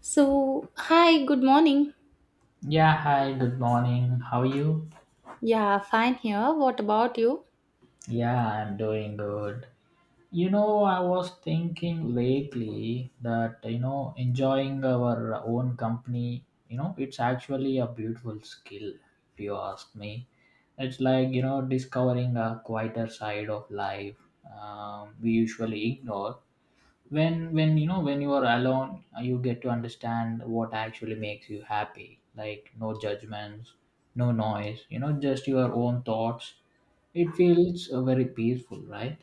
So, hi, good morning. Yeah, hi, good morning. How are you? Yeah, fine here. What about you? Yeah, I'm doing good. You know, I was thinking lately that, you know, enjoying our own company, you know, it's actually a beautiful skill, if you ask me. It's like, you know, discovering a quieter side of life we usually ignore. When you are alone, you get to understand what actually makes you happy, like no judgments, no noise, just your own thoughts. It feels very peaceful, right?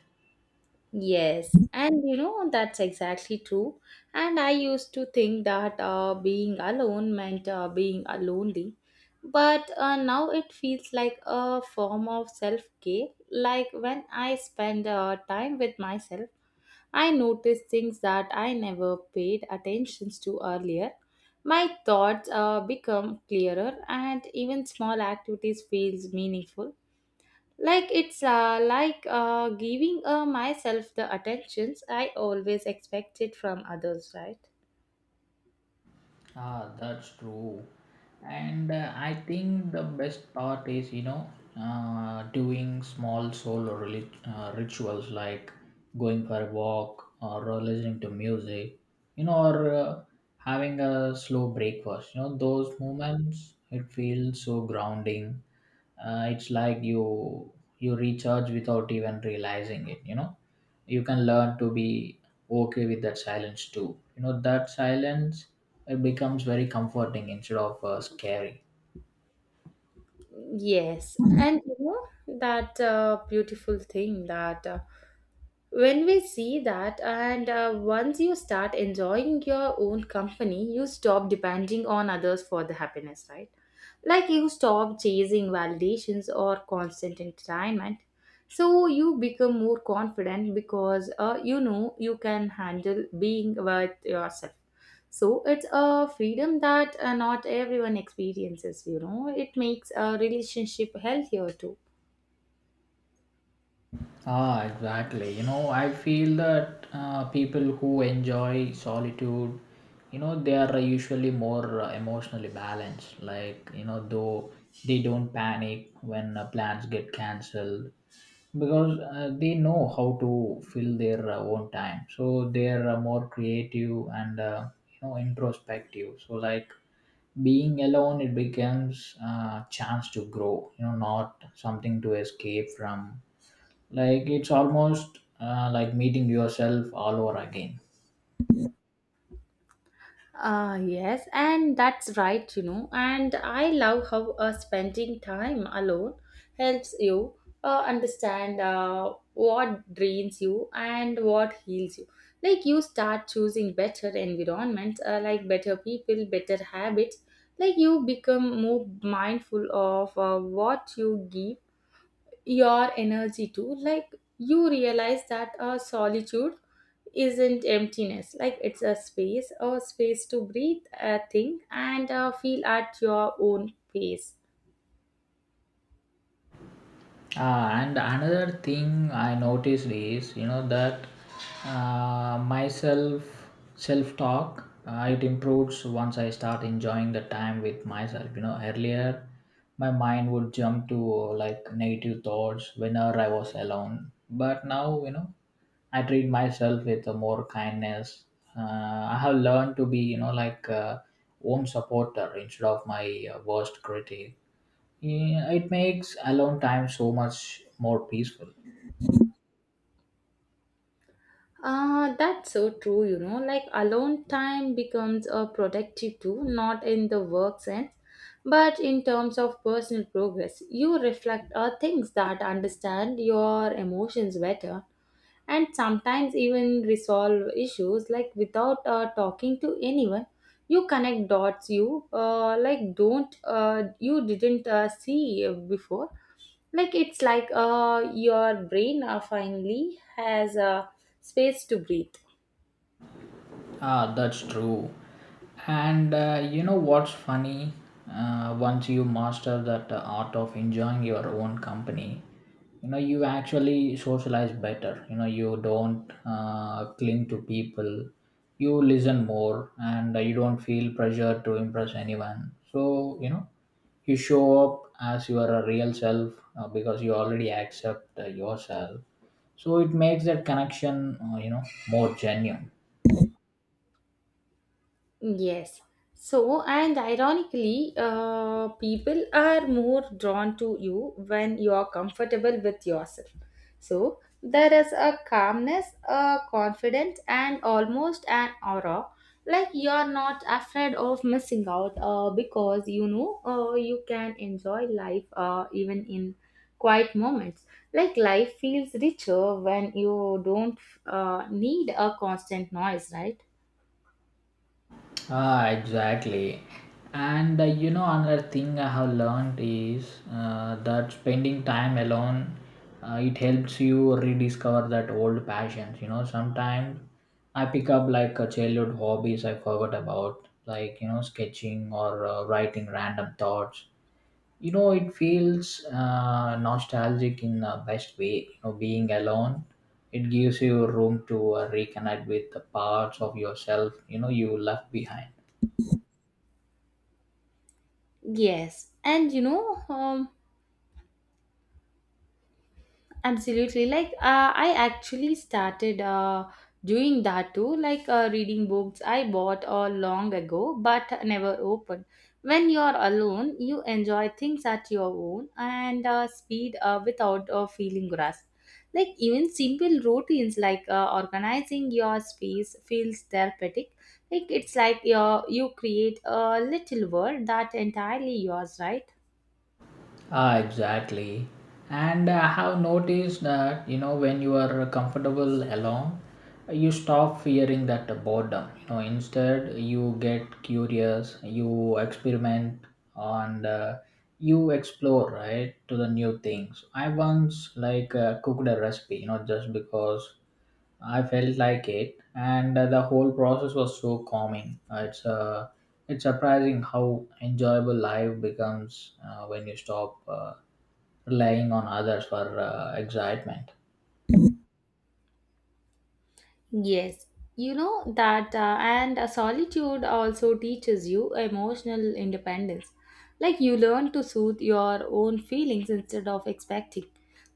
Yes, and you know, that's exactly true. And I used to think that being alone meant being lonely. But now it feels like a form of self care. Like when I spend time with myself, I notice things that I never paid attention to earlier. My thoughts become clearer, and even small activities feels meaningful, like giving myself the attentions I always expected from others, right? Ah, that's true. And I think the best part is, you know, doing small solo rituals like going for a walk, or listening to music, you know, or having a slow breakfast. You know, those moments, it feels so grounding. It's like you recharge without even realizing it. You know, you can learn to be okay with that silence too. You know, that silence, it becomes very comforting instead of scary. Yes, and you know that beautiful thing that when we see that, and once you start enjoying your own company, you stop depending on others for the happiness, right? Like you stop chasing validations or constant entertainment. So you become more confident because you know you can handle being with yourself. So it's a freedom that not everyone experiences, you know. It makes a relationship healthier too. Ah, exactly. You know, I feel that people who enjoy solitude, you know, they are usually more emotionally balanced. Like, you know, though they don't panic when plans get cancelled, because they know how to fill their own time. So they're more creative and, you know, introspective. So like, being alone, it becomes a chance to grow, you know, not something to escape from. Like, it's almost like meeting yourself all over again. Ah, yes, and that's right, you know. And I love how spending time alone helps you understand what drains you and what heals you. Like, you start choosing better environments, like better people, better habits. Like, you become more mindful of what you give your energy to. Like, you realize that solitude isn't emptiness, like it's a space, a space to breathe, think, and feel at your own pace. And another thing I noticed is, you know, that, myself, self talk, it improves once I start enjoying the time with myself. You know, earlier my mind would jump to, like, negative thoughts whenever I was alone, but now, you know, I treat myself with a more kindness. I have learned to be, you know, like, own supporter instead of my worst critic. Yeah, it makes alone time so much more peaceful. That's so true, you know, like alone time becomes a productive too, not in the work sense but in terms of personal progress. You reflect things that understand your emotions better, and sometimes even resolve issues, like without talking to anyone. You connect dots, you didn't see before. Like it's like your brain finally has space to breathe. Ah, that's true. And you know what's funny? Once you master that art of enjoying your own company, you know, you actually socialize better. You know, you don't cling to people. You listen more, and you don't feel pressure to impress anyone. So, you know, you show up as you are, a real self, because you already accept yourself. So it makes that connection, you know, more genuine. Yes. So, and ironically, people are more drawn to you when you are comfortable with yourself. So, there is a calmness, a confidence, and almost an aura, like you are not afraid of missing out because you know you can enjoy life even in quiet moments. Like life feels richer when you don't need a constant noise, right? Ah, exactly. And, you know, another thing I have learned is, that spending time alone, it helps you rediscover that old passions. You know, sometimes I pick up like a childhood hobbies I forgot about, like, you know, sketching or writing random thoughts. You know, it feels nostalgic in the best way. You know, being alone, it gives you room to reconnect with the parts of yourself, you know, you left behind. Yes, and you know, absolutely. Like, I actually started doing that too, like reading books I bought long ago but never opened. When you're alone, you enjoy things at your own and speed without feeling rushed. Like, even simple routines like organizing your space feels therapeutic. Like, it's like you create a little world that entirely yours, right? Ah, exactly. And I have noticed that, you know, when you are comfortable alone, you stop fearing that boredom. You know, instead, you get curious, you experiment, and, you explore, right, to the new things. I once, like, cooked a recipe, you know, just because I felt like it, and the whole process was so calming. It's surprising how enjoyable life becomes when you stop relying on others for excitement. Yes, you know that, and solitude also teaches you emotional independence. Like you learn to soothe your own feelings instead of expecting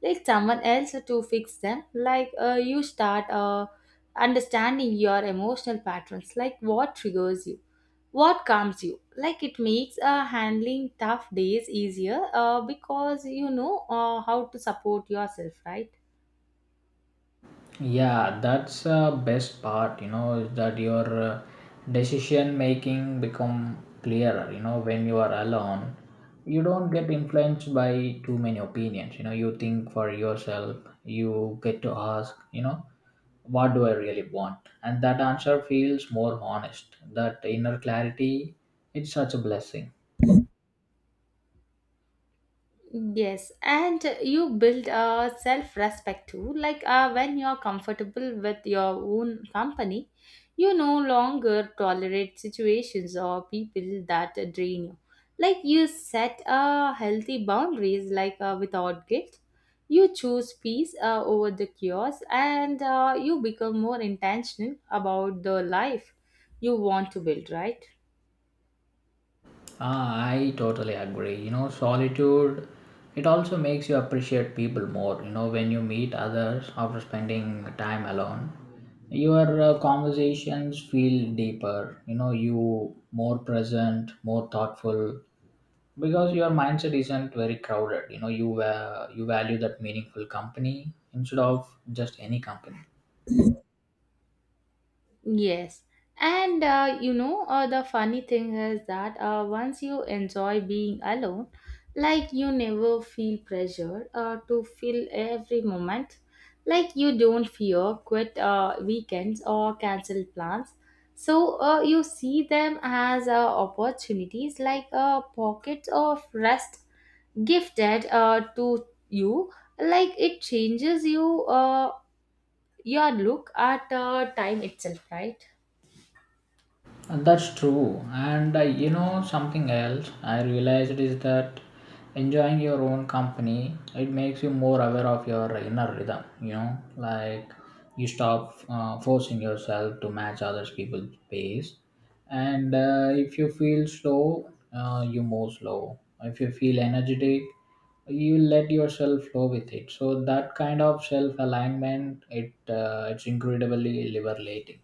like someone else to fix them. Like you start understanding your emotional patterns, like what triggers you, what calms you. Like it makes handling tough days easier because you know how to support yourself, right? Yeah, that's the best part, you know, is that your, decision making become clearer, you know, when you are alone. You don't get influenced by too many opinions, you know, you think for yourself, you get to ask, you know, what do I really want? And that answer feels more honest. That inner clarity, it's such a blessing. Yes, and you build a self respect too. Like when you're comfortable with your own company, you no longer tolerate situations or people that drain you. Like you set healthy boundaries, like without guilt. You choose peace over the chaos, and you become more intentional about the life you want to build, right? Ah, I totally agree. You know, solitude, it also makes you appreciate people more. You know, when you meet others after spending time alone, your conversations feel deeper. You know, you more present, more thoughtful, because your mindset isn't very crowded. You know, you, you value that meaningful company instead of just any company. Yes. And you know, the funny thing is that once you enjoy being alone, like you never feel pressure to fill every moment. Like you don't fear quit weekends or cancel plans. So you see them as opportunities, like pockets of rest gifted to you. Like it changes your look at time itself, right? And that's true. And you know, something else I realized is that enjoying your own company, it makes you more aware of your inner rhythm. You know, like, you stop forcing yourself to match other people's pace. And, if you feel slow, you move slow. If you feel energetic, you let yourself flow with it. So that kind of self alignment, it's incredibly liberating.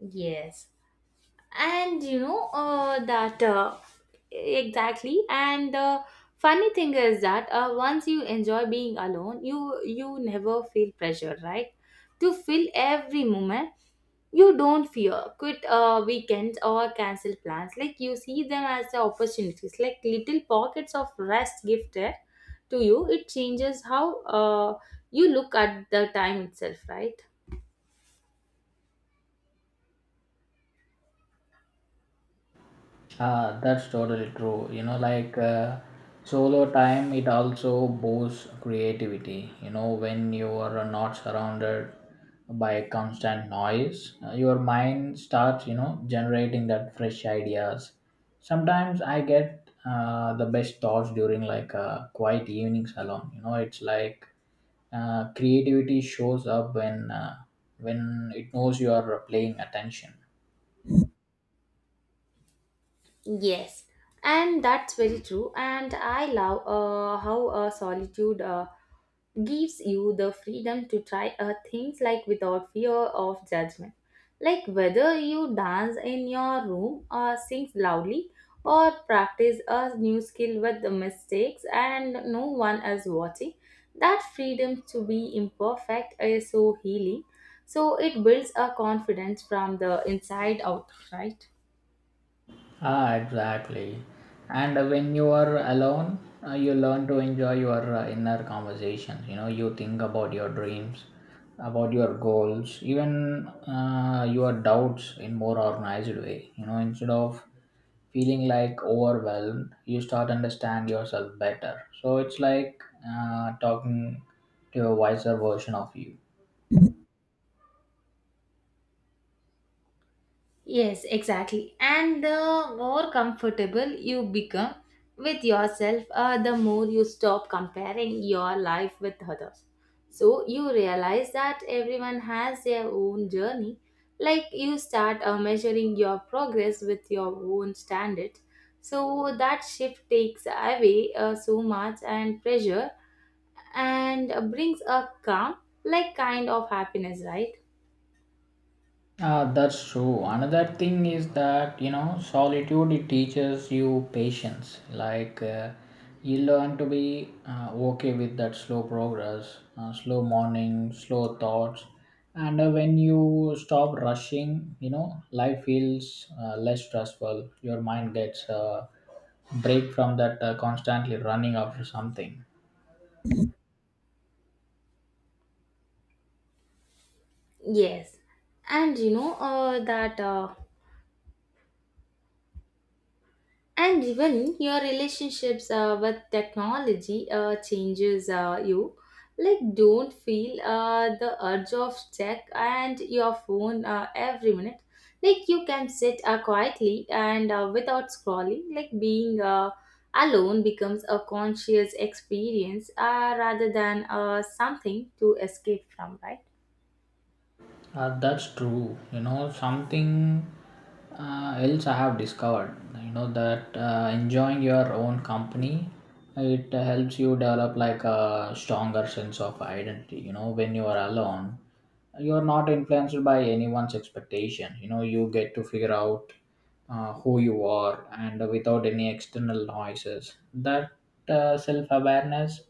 Yes, and you know that exactly. And the funny thing is that once you enjoy being alone, you never feel pressure, right? To fill every moment, you don't fear quit weekends or cancel plans. Like you see them as the opportunities, like little pockets of rest gifted to you. It changes how you look at the time itself, right? Ah, that's totally true. You know, like, solo time, it also boosts creativity. You know, when you are not surrounded by constant noise, your mind starts, you know, generating that fresh ideas. Sometimes I get the best thoughts during like a quiet evenings alone. You know, it's like, creativity shows up when it knows you are paying attention. Yes, and that's very true. And I love how solitude gives you the freedom to try things, like without fear of judgment. Like whether you dance in your room or sing loudly or practice a new skill with the mistakes and no one is watching, that freedom to be imperfect is so healing. So it builds a confidence from the inside out, right? Ah, exactly. And, when you are alone, you learn to enjoy your inner conversations. You know, you think about your dreams, about your goals, even your doubts in more organized way. You know, instead of feeling like overwhelmed, you start understand yourself better. So it's like talking to a wiser version of you. Yes, exactly. And the more comfortable you become with yourself, the more you stop comparing your life with others. So you realize that everyone has their own journey. Like you start measuring your progress with your own standards. So that shift takes away so much and pressure, and brings a calm, like kind of happiness, right? Ah, that's true. Another thing is that, you know, solitude, it teaches you patience. Like, you learn to be okay with that slow progress, slow morning, slow thoughts, and, when you stop rushing, you know, life feels less stressful. Your mind gets a break from that constantly running after something. Yes. And you know that. And even your relationships with technology changes you. Like, don't feel the urge of check and your phone every minute. Like, you can sit quietly and without scrolling. Like, being alone becomes a conscious experience rather than something to escape from, right? That's true. You know, something else I have discovered, you know, that, enjoying your own company, it helps you develop like a stronger sense of identity. You know, when you are alone, you are not influenced by anyone's expectation. You know, you get to figure out who you are, and without any external noises. That, self awareness,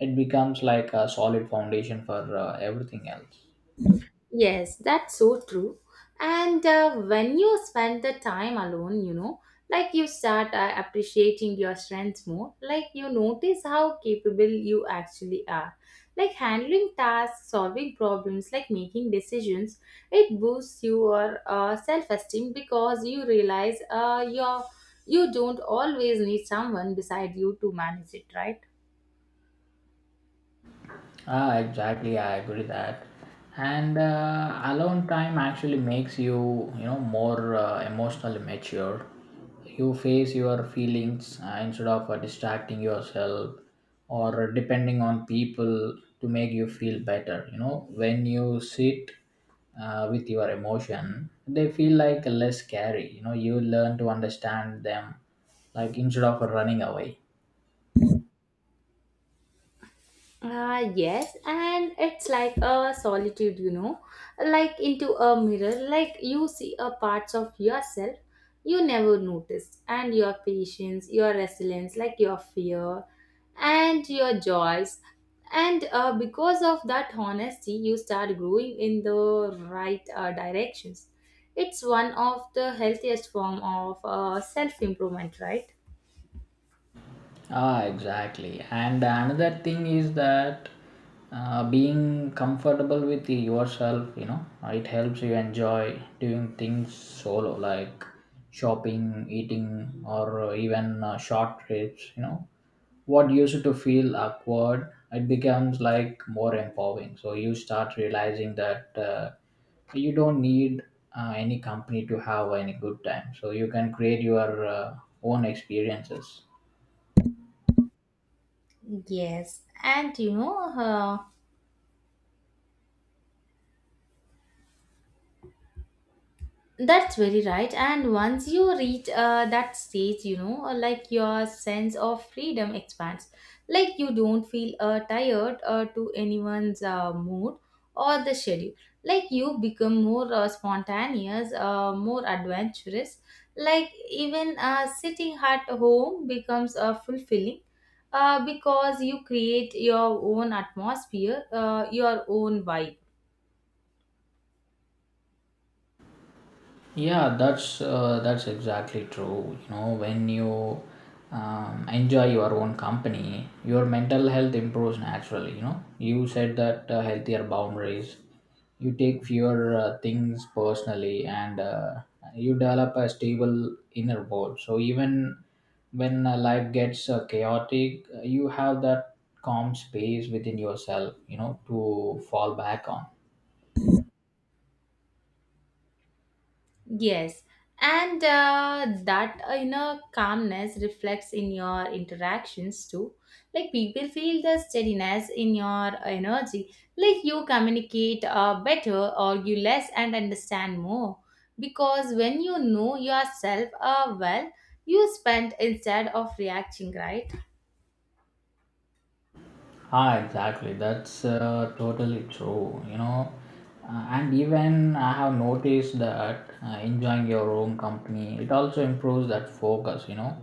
it becomes like a solid foundation for everything else. Yes, that's so true. And when you spend the time alone, you know, like you start appreciating your strengths more, like you notice how capable you actually are. Like handling tasks, solving problems, like making decisions, it boosts your self esteem because you realize you don't always need someone beside you to manage it, right? Ah, exactly. I agree that. And alone time actually makes you, you know, more emotionally mature. You face your feelings instead of distracting yourself or depending on people to make you feel better. You know, when you sit with your emotion, they feel like less scary. You know, you learn to understand them, like instead of running away. Ah, yes, and it's like a solitude, you know, like into a mirror, like you see a parts of yourself you never noticed, and your patience, your resilience, like your fear, and your joys. And because of that honesty, you start growing in the right directions. It's one of the healthiest form of self improvement, right? Ah, exactly. And another thing is that, being comfortable with yourself, you know, it helps you enjoy doing things solo, like shopping, eating, or even short trips. You know, what used to feel awkward, it becomes like more empowering. So you start realizing that, you don't need any company to have any good time. So you can create your, own experiences. Yes, and you know, that's very right. And once you reach that stage, you know, like your sense of freedom expands. Like you don't feel tired to anyone's mood or the schedule. Like you become more spontaneous, more adventurous. Like even sitting at home becomes fulfilling because you create your own atmosphere, your own vibe. Yeah, that's exactly true. You know, when you enjoy your own company, your mental health improves naturally. You know, you said that healthier boundaries, you take fewer things personally, and, you develop a stable inner world. So even when life gets chaotic, you have that calm space within yourself, you know, to fall back on. Yes, and that inner calmness reflects in your interactions too. Like people feel the steadiness in your energy. Like you communicate better, argue less, and understand more. Because when you know yourself well, you spend instead of reacting, right? Ah, exactly. That's totally true. You know, and even I have noticed that enjoying your own company, it also improves that focus. You know,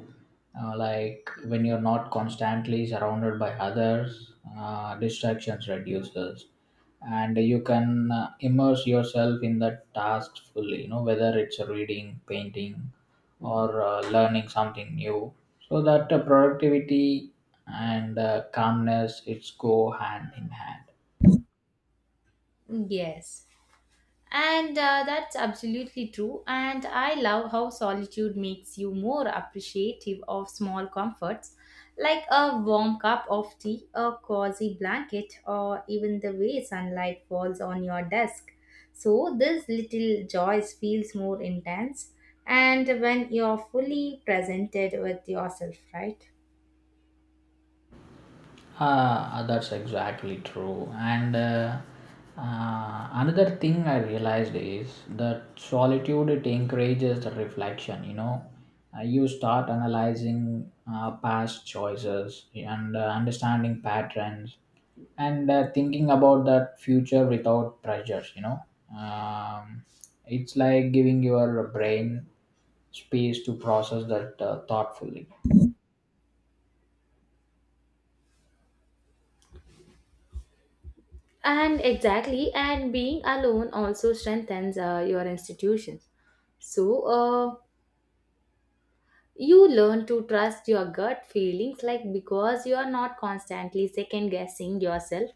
like, when you're not constantly surrounded by others, distractions reduces, and you can immerse yourself in that task fully. You know, whether it's reading, painting, or learning something new. So that productivity and calmness, it's go hand in hand. Yes. And that's absolutely true. And I love how solitude makes you more appreciative of small comforts, like a warm cup of tea, a cozy blanket, or even the way sunlight falls on your desk. So this little joys feels more intense, and when you're fully presented with yourself, right? Ah, that's exactly true. And, another thing I realized is that solitude, it encourages the reflection. You know, you start analyzing past choices and understanding patterns, and thinking about that future without pressures. You know, um, it's like giving your brain space to process that thoughtfully. And exactly, and being alone also strengthens your institutions. So, you learn to trust your gut feelings, like because you are not constantly second guessing yourself,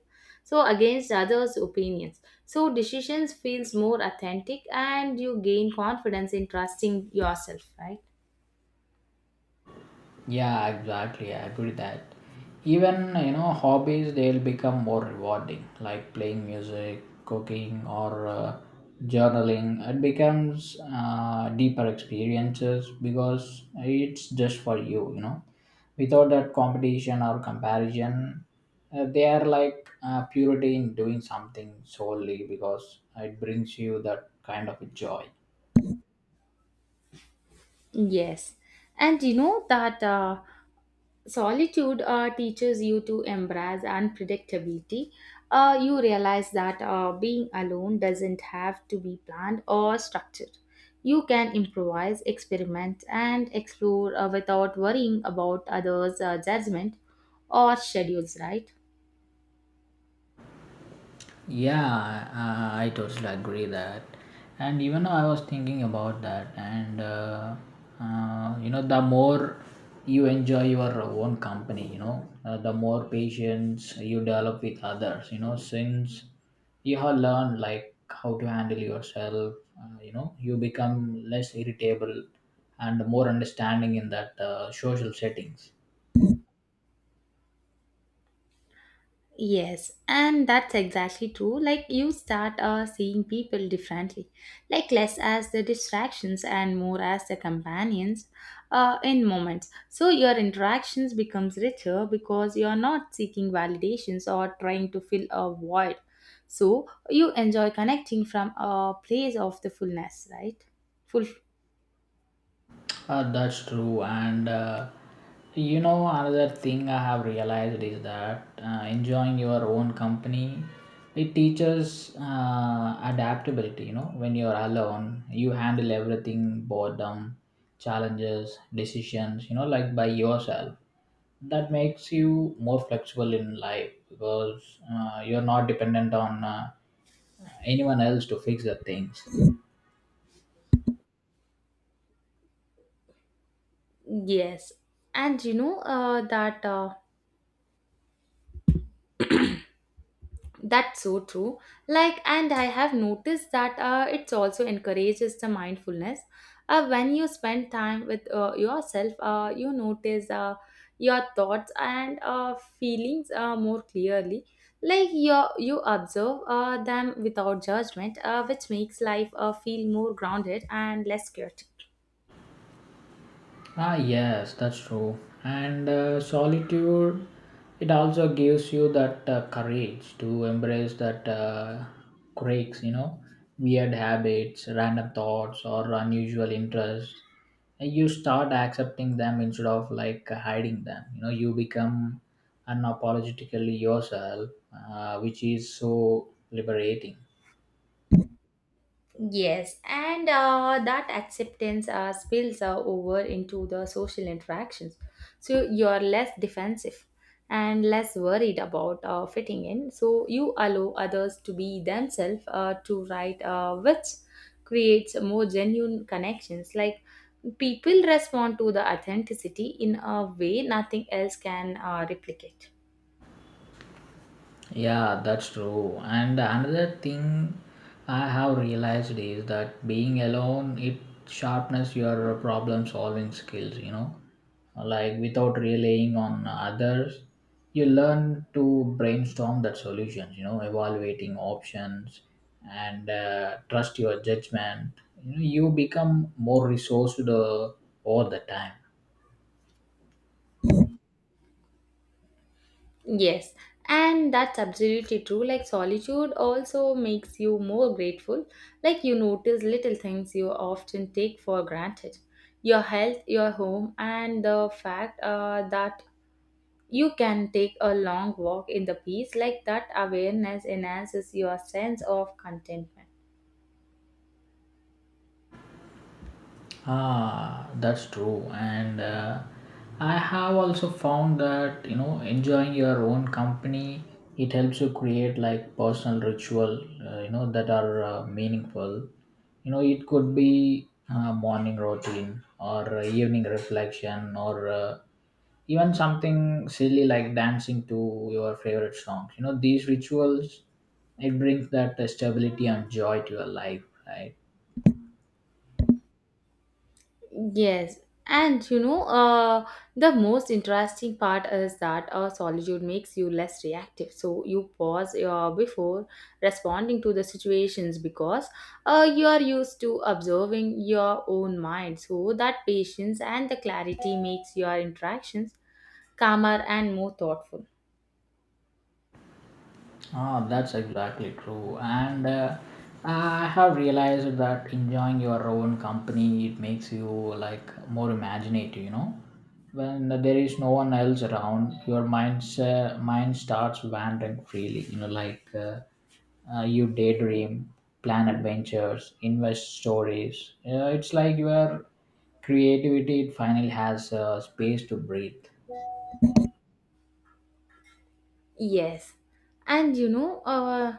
so against others' opinions. So decisions feels more authentic, and you gain confidence in trusting yourself, right? Yeah, exactly. I agree that even, you know, hobbies they'll become more rewarding, like playing music, cooking, or journaling. It becomes deeper experiences because it's just for you, you know. Without that competition or comparison, they are like purity in doing something solely because it brings you that kind of a joy. Yes, and you know that. Solitude teaches you to embrace unpredictability. You realize that being alone doesn't have to be planned or structured. You can improvise, experiment, and explore without worrying about others' judgment or schedules, right? Yeah, I totally agree that. And even I was thinking about that. And, you know, the more you enjoy your own company, you know, the more patience you develop with others. You know, since you have learned like how to handle yourself, you know, you become less irritable and more understanding in that social settings. Yes, and that's exactly true. Like you start seeing people differently, like less as the distractions and more as the companions in moments. So your interactions becomes richer because you're not seeking validations or trying to fill a void. So you enjoy connecting from a place of the fullness, right? Full That's true, and, you know, another thing I have realized is that enjoying your own company, it teaches adaptability. You know, when you're alone, you handle everything: boredom, challenges, decisions. You know, like, by yourself. That makes you more flexible in life, because you're not dependent on anyone else to fix the things. yes, and you know that. That's so true. Like, and I have noticed that it also encourages the mindfulness. When you spend time with yourself, you notice your thoughts and feelings more clearly. Like you observe them without judgment, which makes life feel more grounded and less chaotic. Ah, yes, that's true. And solitude, it also gives you that courage to embrace that quirks, you know, weird habits, random thoughts, or unusual interests. And you start accepting them instead of like hiding them. You know, you become unapologetically yourself, which is so liberating. Yes, and that acceptance spills over into the social interactions. So you're less defensive and less worried about fitting in. So you allow others to be themselves to write, which creates more genuine connections. Like people respond to the authenticity in a way nothing else can replicate. Yeah, that's true. And another thing I have realized is that being alone it sharpens your problem solving skills, you know. Like without relying on others, you learn to brainstorm that solutions, you know, evaluating options and trust your judgment. You know, you become more resourced all the time. Yes, and that's absolutely true. Like, solitude also makes you more grateful. Like, you notice little things you often take for granted: your health, your home, and the fact that you can take a long walk in the peace. Like, that awareness enhances your sense of contentment. Ah, that's true. And I have also found that you know enjoying your own company it helps you create like personal ritual you know that are meaningful. You know it could be morning routine or evening reflection or even something silly like dancing to your favorite songs. You know these rituals it brings that stability and joy to your life, right? Yes, and you know, the most interesting part is that solitude makes you less reactive. So you pause before responding to the situations because you are used to observing your own mind. So that patience and the clarity makes your interactions calmer and more thoughtful. Ah, that's exactly true. And I have realized that enjoying your own company it makes you like more imaginative. You know, when there is no one else around, your mind starts wandering freely. You know, you daydream, plan adventures, invest stories. It's like your creativity it finally has space to breathe. Yes, and you know,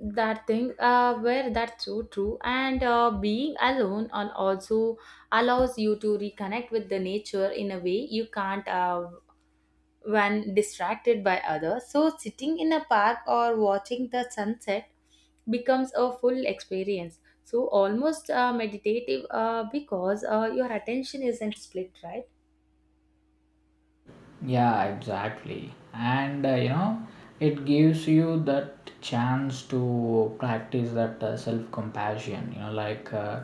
that thing where that's so true. And being alone also allows you to reconnect with the nature in a way you can't when distracted by others. So sitting in a park or watching the sunset becomes a full experience, so almost meditative because your attention isn't split, right? Yeah, exactly. And you know, it gives you that chance to practice that self compassion. You know, like uh,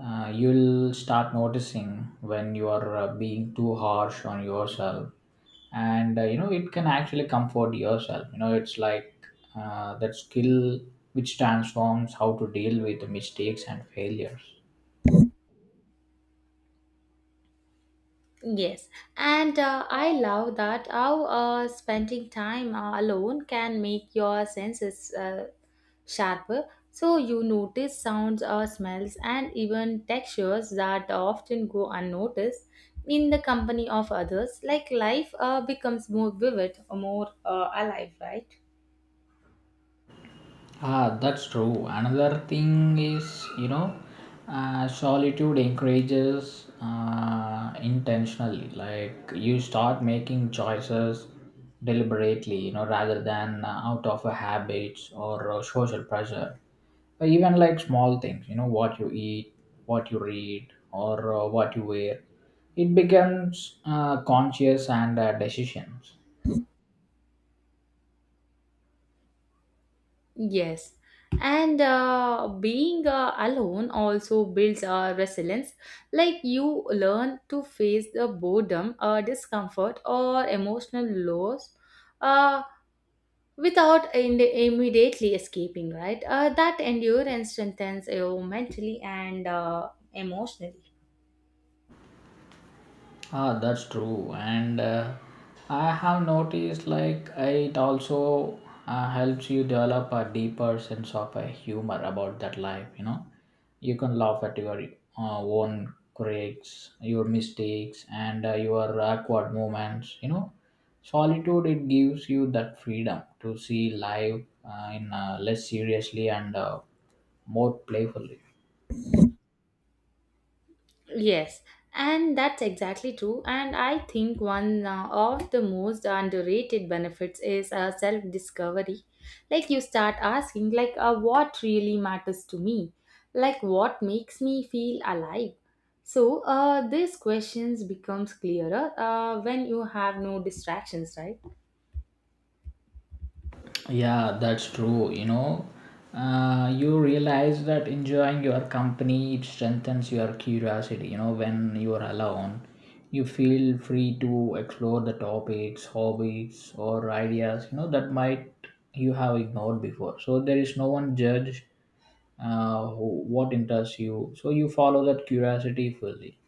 uh, you'll start noticing when you are being too harsh on yourself. And you know, it can actually comfort yourself. You know, it's like that skill which transforms how to deal with mistakes and failures. Yes, and I love that how spending time alone can make your senses sharper. So you notice sounds, or smells, and even textures that often go unnoticed in the company of others. Like life becomes more vivid, more alive, right? Ah, that's true. Another thing is, you know, solitude encourages intentionally. Like you start making choices deliberately, you know, rather than out of a habits or social pressure. But even like small things, you know, what you eat, what you read, or what you wear, it becomes conscious and decisions. Yes, and being alone also builds resilience. Like you learn to face the boredom, discomfort, or emotional loss uh, without immediately escaping, right? That endurance strengthens you mentally and emotionally. Ah, that's true. And I have noticed like it also helps you develop a deeper sense of humor about that life. You know, you can laugh at your own quirks, your mistakes, and your awkward moments. You know, solitude it gives you that freedom to see life in less seriously and more playfully. Yes, and that's exactly true. And I think one of the most underrated benefits is self discovery. Like, you start asking, like, what really matters to me? Like, what makes me feel alive? So, these questions becomes clearer when you have no distractions, right? Yeah, that's true. You know, you realize that enjoying your company it strengthens your curiosity. You know, when you are alone, you feel free to explore the topics, hobbies, or ideas. You know that might you have ignored before. So there is no one judge who, what interests you. So you follow that curiosity fully.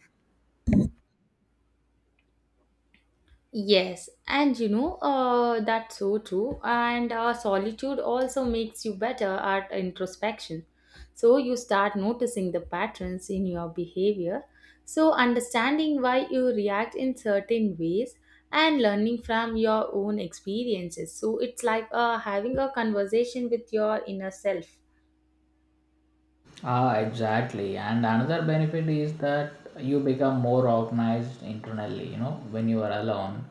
Yes, and you know, that's so true. And solitude also makes you better at introspection. So you start noticing the patterns in your behavior. So understanding why you react in certain ways and learning from your own experiences. So it's like having a conversation with your inner self. Ah, exactly. And another benefit is that you become more organized internally. You know, when you are alone,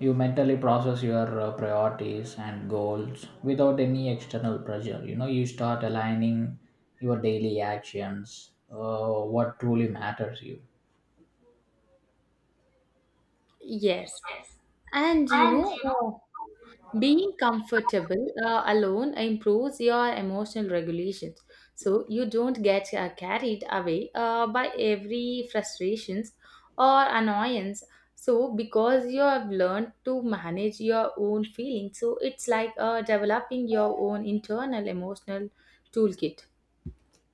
you mentally process your priorities and goals without any external pressure. You know, you start aligning your daily actions, what truly matters you. Yes. Yes. And you And know, you know, being comfortable alone improves your emotional regulation, so you don't get carried away by every frustrations or annoyance. So because you have learned to manage your own feelings, so it's like developing your own internal emotional toolkit.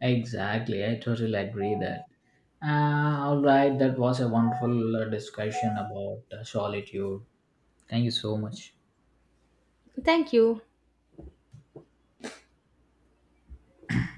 exactly, I totally agree that. All right, that was a wonderful discussion about solitude. Thank you so much. Thank you.